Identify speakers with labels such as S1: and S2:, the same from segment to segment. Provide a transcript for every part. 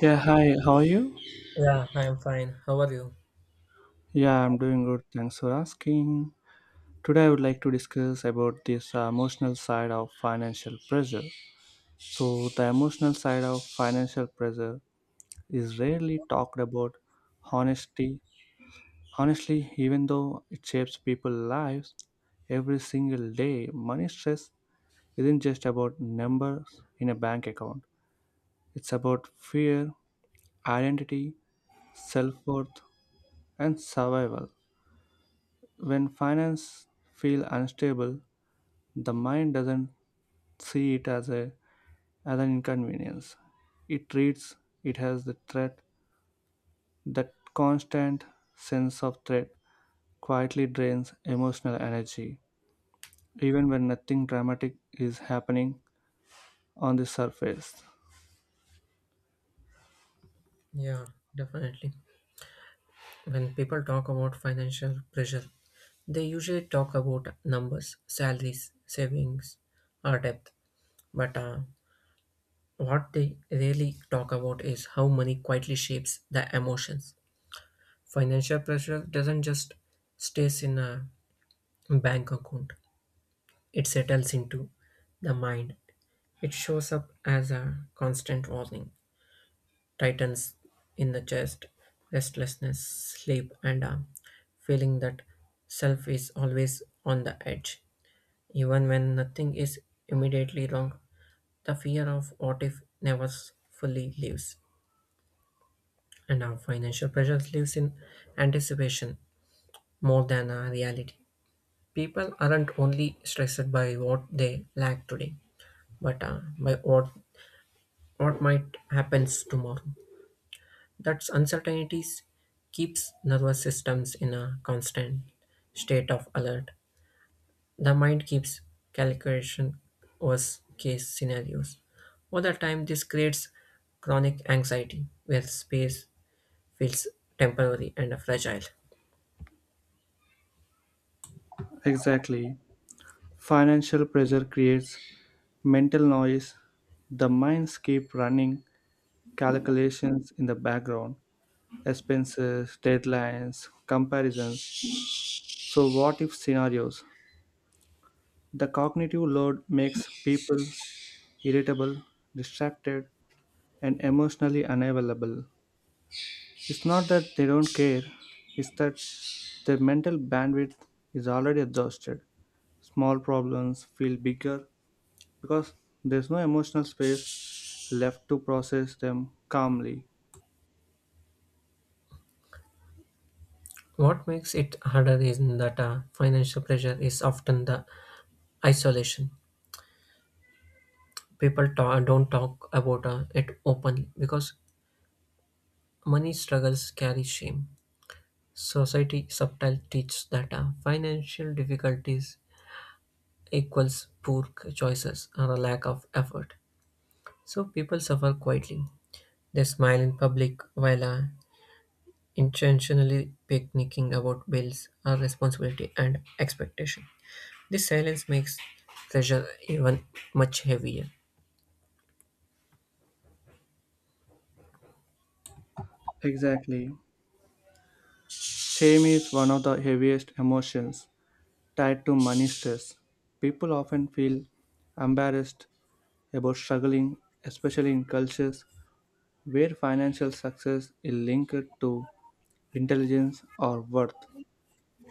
S1: Yeah, hi, how are you?
S2: Yeah, I am fine. How are you?
S1: Yeah, I'm doing good. Thanks for asking. Today, I would like to discuss about this emotional side of financial pressure. So, the emotional side of financial pressure is rarely talked about honestly. Honestly, even though it shapes people's lives every single day, money stress isn't just about numbers in a bank account, it's about fear, identity, self worth, and survival. When finance feel unstable, the mind doesn't see it as, as an inconvenience. It treats it as the threat. That constant sense of threat quietly drains emotional energy, even when nothing dramatic is happening on the surface.
S2: Yeah, definitely. When people talk about financial pressure, they usually talk about numbers, salaries, savings, or debt. But what they really talk about is how money quietly shapes the emotions. Financial pressure doesn't just stays in a bank account; it settles into the mind. It shows up as a constant warning tightens in the chest, restlessness, sleep, and a feeling that self is always on the edge. Even when nothing is immediately wrong, the fear of what if never s- fully leaves, and our financial pressures lives in anticipation more than a reality. People aren't only stressed by what they lack today, but by what might happens tomorrow. That uncertainties keeps nervous systems in a constant state of alert. The mind keeps calculation worst case scenarios. Over time, this creates chronic anxiety where space feels temporary and fragile.
S1: Exactly. Financial pressure creates mental noise. The minds keep running calculations in the background, expenses, deadlines, comparisons, so, what if scenarios? The cognitive load makes people irritable, distracted, and emotionally unavailable. It's not that they don't care, it's that their mental bandwidth is already exhausted. Small problems feel bigger because there's no emotional space left to process them calmly.
S2: What makes it harder is that financial pressure is often the isolation. Don't talk about it openly because money struggles carry shame. Society subtly teaches that financial difficulties equals poor choices or a lack of effort. So people suffer quietly. They smile in public while intentionally picnicking about bills or responsibility and expectation. This silence makes pressure even much heavier.
S1: Exactly. Shame is one of the heaviest emotions tied to money stress. People often feel embarrassed about struggling, especially in cultures where financial success is linked to intelligence or worth.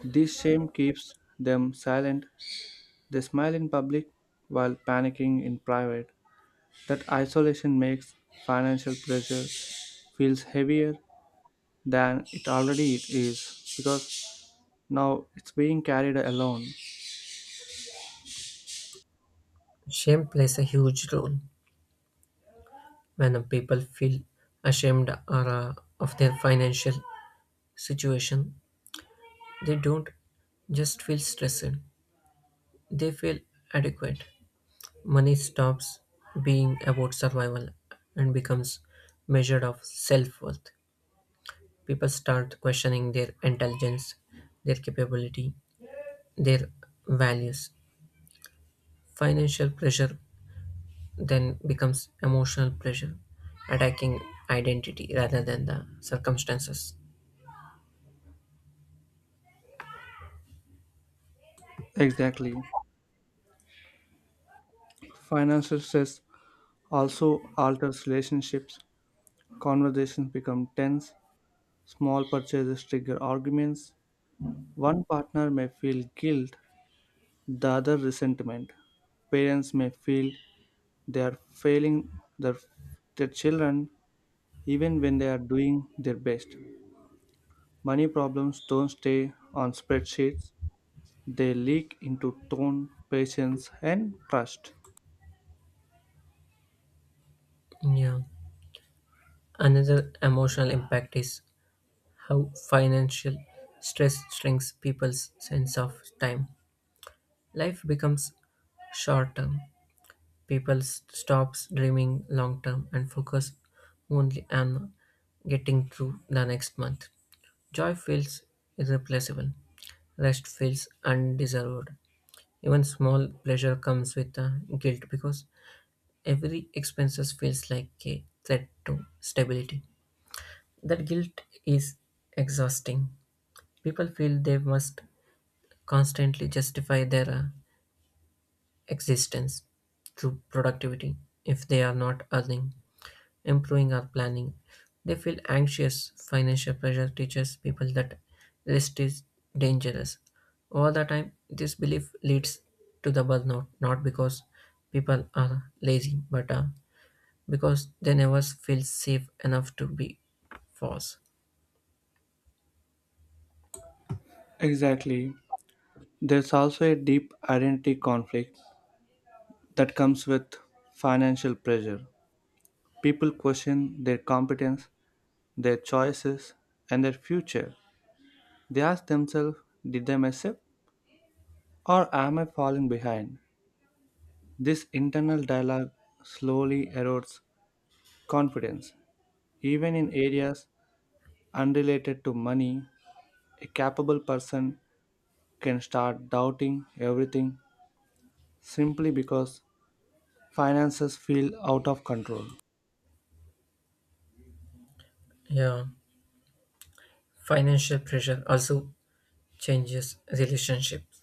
S1: This shame keeps them silent. They smile in public while panicking in private. That isolation makes financial pressure feels heavier than it already is because now it's being carried alone.
S2: Shame plays a huge role when people feel ashamed or of their financial situation. They don't just feel stressed, they feel adequate. Money stops being about survival and becomes measured of self-worth. People start questioning their intelligence, their capability, their values. Financial pressure then becomes emotional pressure, attacking identity rather than the circumstances.
S1: Exactly. Financial stress also alters relationships. Conversations become tense. Small purchases trigger arguments. One partner may feel guilt, the other resentment. Parents may feel they are failing their, their children even when they are doing their best. Money problems don't stay on spreadsheets, they leak into tone, patience, and trust.
S2: Yeah. Another emotional impact is how financial stress shrinks people's sense of time. Life becomes short term, stops dreaming long term and focus only on getting through the next month. Joy feels irreplaceable. Rest feels undeserved. Even small pleasure comes with a guilt because every expenses feels like a threat to stability. That guilt is exhausting. People feel they must constantly justify their existence through productivity if they are not earning improving our planning. They feel anxious. Financial pressure teaches people that rest is dangerous. Over the time, this belief leads to the burnout, not because people are lazy, but because they never feel safe enough to be false.
S1: Exactly. There's also a deep identity conflict that comes with financial pressure. People question their competence, their choices, and their future. They ask themselves, did I mess up? Or am I falling behind? This internal dialogue slowly erodes confidence. Even in areas unrelated to money, a capable person can start doubting everything simply because finances feel out of control.
S2: Yeah, financial pressure also changes relationships.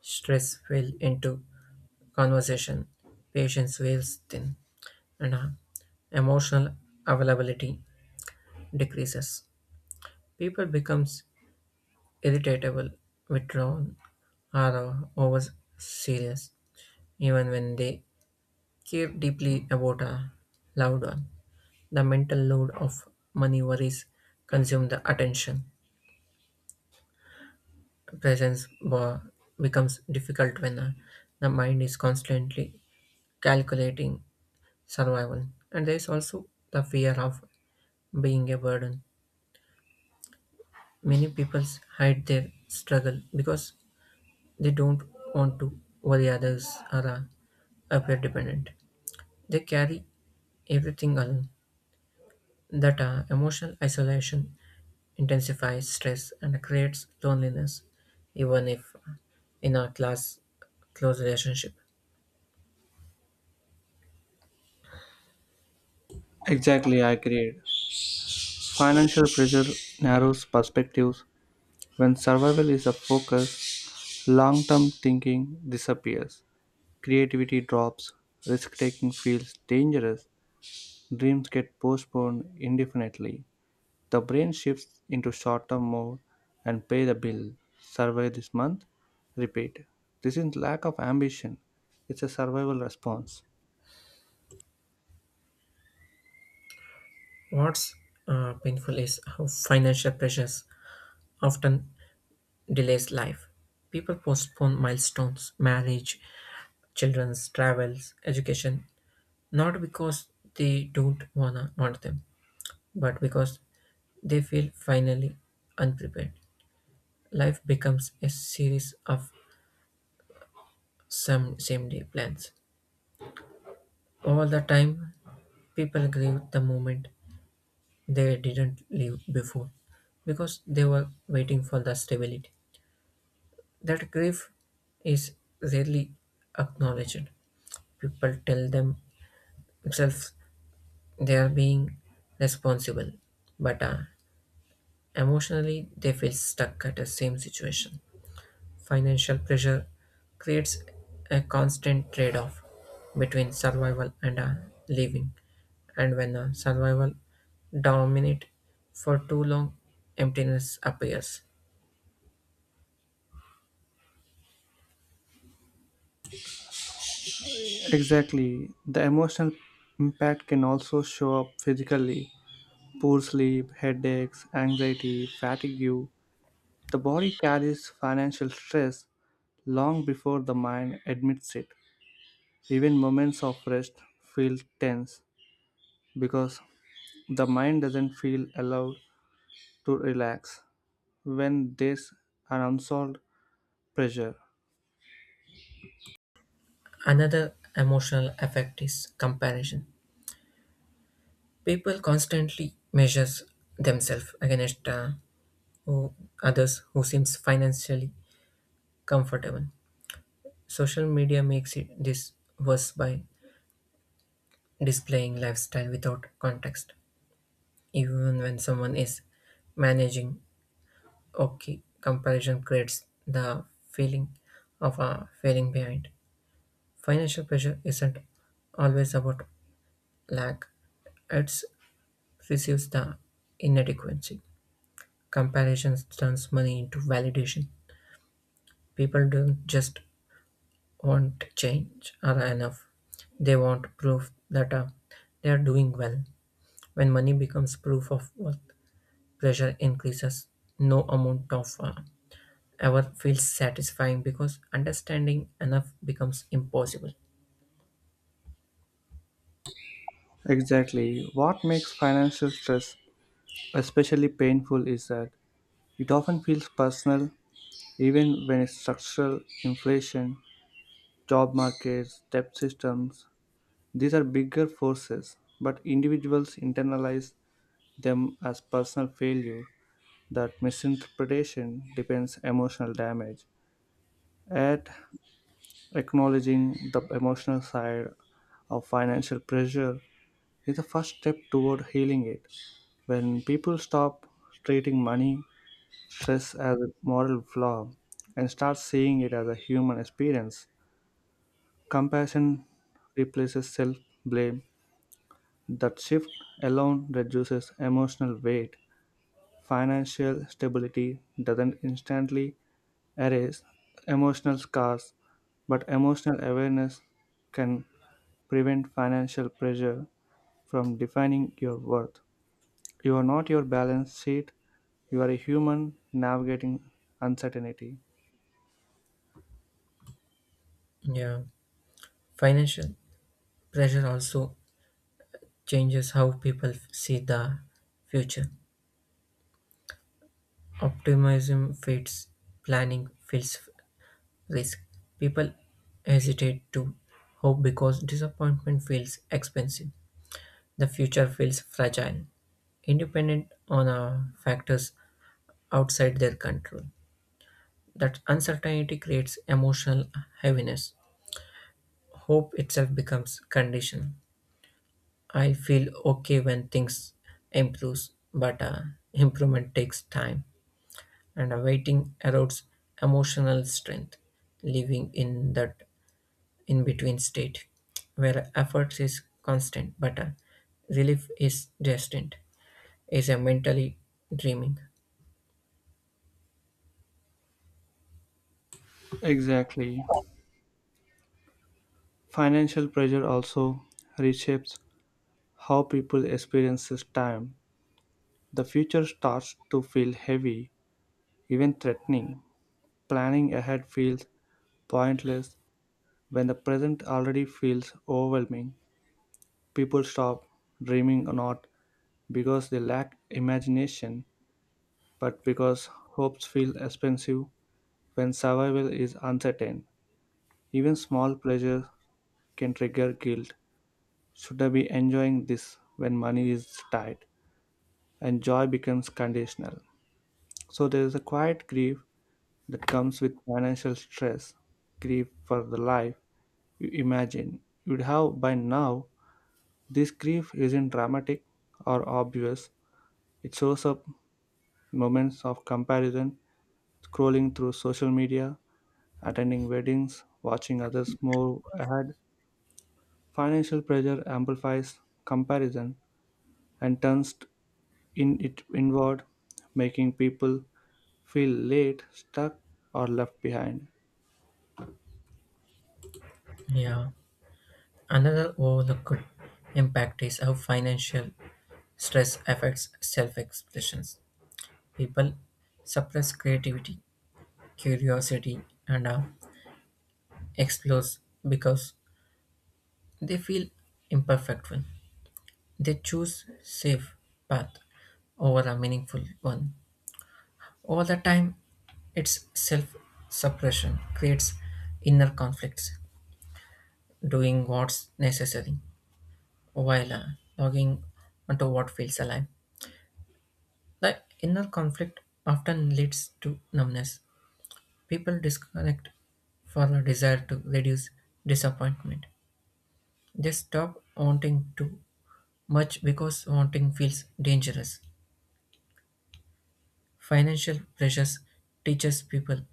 S2: Stress will into conversation, patience wears thin, and emotional availability decreases, people becomes irritable, withdrawn, or over serious, even when they care deeply about a loved one. The mental load of money worries consume the attention. Presence bo- becomes difficult when the mind is constantly calculating survival. And there is also the fear of being a burden. Many people hide their struggle because they don't want to worry others or are appear dependent. They carry everything alone. That emotional isolation intensifies stress and creates loneliness, even if in a class close relationship.
S1: Exactly, I agree. Financial pressure narrows perspectives. When survival is a focus, long term thinking disappears. Creativity drops, risk taking feels dangerous, dreams get postponed indefinitely. The brain shifts into short term mode and pay the bill, survive this month, repeat. This is lack of ambition, it's a survival response.
S2: What's painful is how financial pressures often delays life. People postpone milestones, marriage, children's travels, education, not because they don't wanna want them, but because they feel finally unprepared. Life becomes a series of some same day plans. All the time, people grieve the moment they didn't live before because they were waiting for the stability. That grief is rarely acknowledged. People tell themselves they are being responsible, but emotionally they feel stuck at the same situation. Financial pressure creates a constant trade-off between survival and a living, and when a survival dominates for too long, emptiness appears.
S1: Exactly, the emotional impact can also show up physically. Poor sleep, headaches, anxiety, fatigue. The body carries financial stress long before the mind admits it. Even moments of rest feel tense because the mind doesn't feel allowed to relax when there's an unsolved pressure.
S2: Another emotional effect is comparison. People constantly measures themselves against who, others who seems financially comfortable. Social media makes it this worse by displaying lifestyle without context. Even when someone is managing okay, comparison creates the feeling of a failing behind. Financial pressure isn't always about lack, it receives the inadequacy. Comparison turns money into validation. People don't just want change or enough, they want proof that they are doing well. When money becomes proof of worth, pressure increases. No amount of ever feels satisfying because understanding enough becomes impossible.
S1: Exactly. What makes financial stress especially painful is that it often feels personal, even when it's structural, inflation, job markets, debt systems. These are bigger forces, but individuals internalize them as personal failure. That misinterpretation depends emotional damage at acknowledging the emotional side of financial pressure is the first step toward healing it. When people stop treating money stress as a moral flaw and start seeing it as a human experience, compassion replaces self-blame. That shift alone reduces emotional weight. Financial stability doesn't instantly arrays, emotional scars, but emotional awareness can prevent financial pressure from defining your worth. You are not your balance sheet, you are a human navigating uncertainty.
S2: Yeah, financial pressure also changes how see the future. Optimism fades, planning feels risk. People hesitate to hope because disappointment feels expensive. The future feels fragile, independent on factors outside their control. That uncertainty creates emotional heaviness. Hope itself becomes condition. I feel okay when things improves, but improvement takes time, and waiting erodes emotional strength. Living in that in between state where effort is constant but relief is distant is a mentally dreaming.
S1: Exactly. Financial pressure also reshapes how people experiences time. The future starts to feel heavy, even threatening. Planning ahead feels pointless when the present already feels overwhelming. People stop dreaming not because they lack imagination, but because hopes feel expensive when survival is uncertain. Even small pleasures can trigger guilt. Should I be enjoying this when money is tight? And joy becomes conditional. So there is a quiet grief that comes with financial stress, grief for the life you imagine you'd have by now. This grief isn't dramatic or obvious, it shows up moments of comparison, scrolling through social media, attending weddings, watching others move ahead. Financial pressure amplifies comparison and turns in it inward, making people feel late, stuck, or left behind.
S2: Yeah. Another overlooked impact is how financial stress affects self expressions. People suppress creativity, curiosity and explores because they feel imperfect when they choose safe path over a meaningful one. Over the time, its self suppression creates inner conflicts, doing what's necessary while logging onto what feels alive. The inner conflict often leads to numbness. People disconnect for a desire to reduce disappointment. They stop wanting to much because wanting feels dangerous. Financial pressures teaches people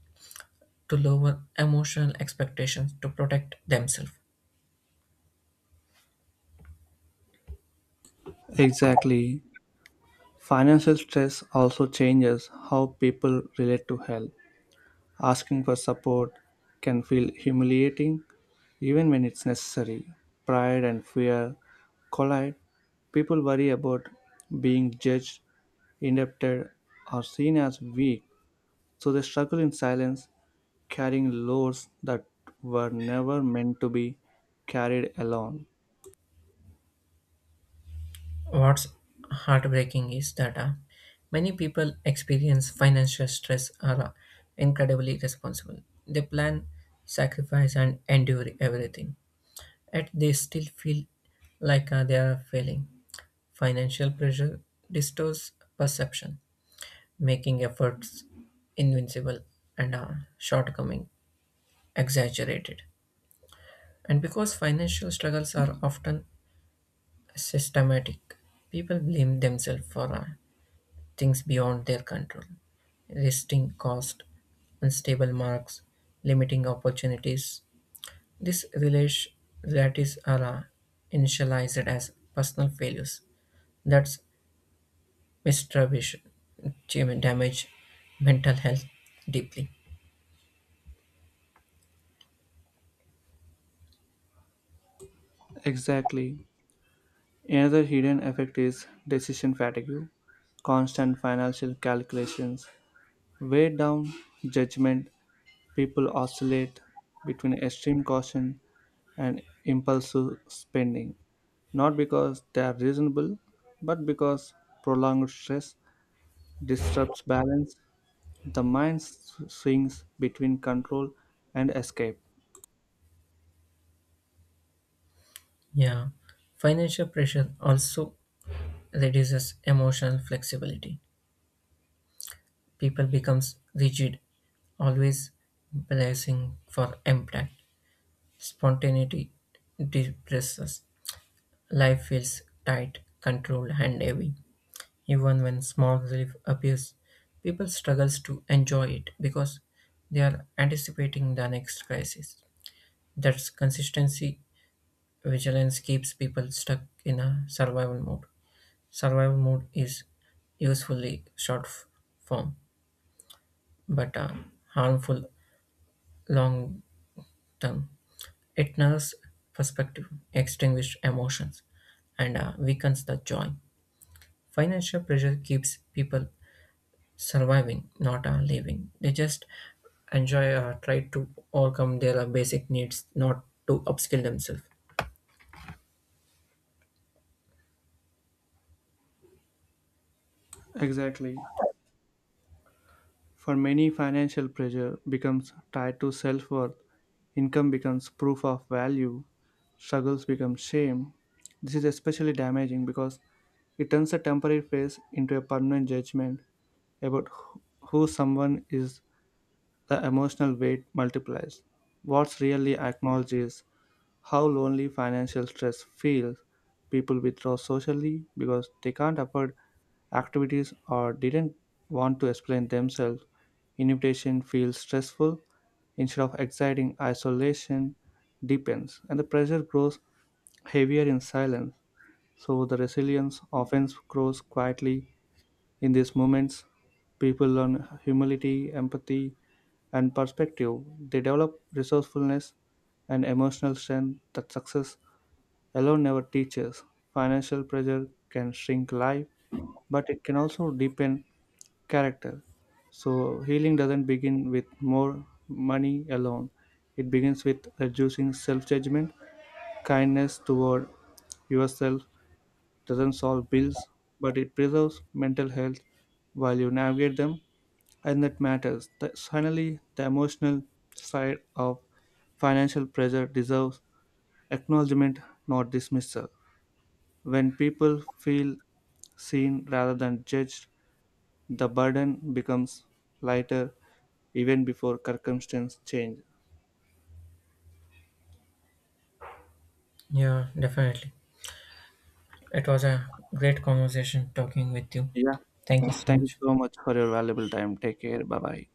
S2: to lower emotional expectations to protect themselves.
S1: Exactly. Financial stress also changes how people relate to help. Asking for support can feel humiliating. Even when it's necessary, pride and fear collide. People worry about being judged, indebted, or seen as weak, so they struggle in silence, carrying loads that were never meant to be carried alone.
S2: What's heartbreaking is that many people experience financial stress are incredibly responsible. They plan, sacrifice, and endure everything. Yet they still feel like they are failing. Financial pressure distorts perception, making efforts invincible and shortcoming exaggerated. And because financial struggles are often systematic, people blame themselves for things beyond their control, resisting cost, unstable marks, limiting opportunities. These relati- realities are initialized as personal failures. That's mistrust, damage mental health deeply.
S1: Exactly. Another hidden effect is decision fatigue, constant financial calculations, weigh down judgment. People oscillate between extreme caution and impulsive spending, not because they are reasonable, but because prolonged stress disrupts balance. The mind swings between control and escape.
S2: Yeah, financial pressure also reduces emotional flexibility. People becomes rigid, always blessing for impact. Spontaneity depresses. Life feels tight, controlled, and heavy. Even when small relief appears, people struggles to enjoy it because they are anticipating the next crisis. That's consistency vigilance keeps people stuck in a survival mode. Survival mode is usefully form, but harmful long term. It narrows perspective, extinguishes emotions, and weakens the joy. Financial pressure keeps people surviving, not living. They just enjoy or try to overcome their basic needs, not to upskill themselves.
S1: Exactly. For many, financial pressure becomes tied to self worth, income becomes proof of value, struggles become shame. This is especially damaging because it turns a temporary phase into a permanent judgment about who someone is. The emotional weight multiplies. What's really acknowledged is how lonely financial stress feels. People withdraw socially because they can't afford activities or didn't want to explain themselves. Invitation feels stressful instead of exciting. Isolation deepens, and the pressure grows heavier in silence. So the resilience often grows quietly in these moments. People learn humility, empathy, and perspective, they develop resourcefulness and emotional strength that success alone never teaches. Financial pressure can shrink life, but it can also deepen character. So, healing doesn't begin with more money alone, it begins with reducing self judgment. Kindness toward yourself doesn't solve bills, but it preserves mental health while you navigate them and that matters. Finally, the emotional side of financial pressure deserves acknowledgement, not dismissal. When people feel seen rather than judged, the burden becomes lighter even before circumstances change.
S2: Yeah, definitely. It was a great conversation talking with you.
S1: Yeah.
S2: Thank you so
S1: Thank you
S2: much.
S1: so much for your valuable time. Take care. Bye bye.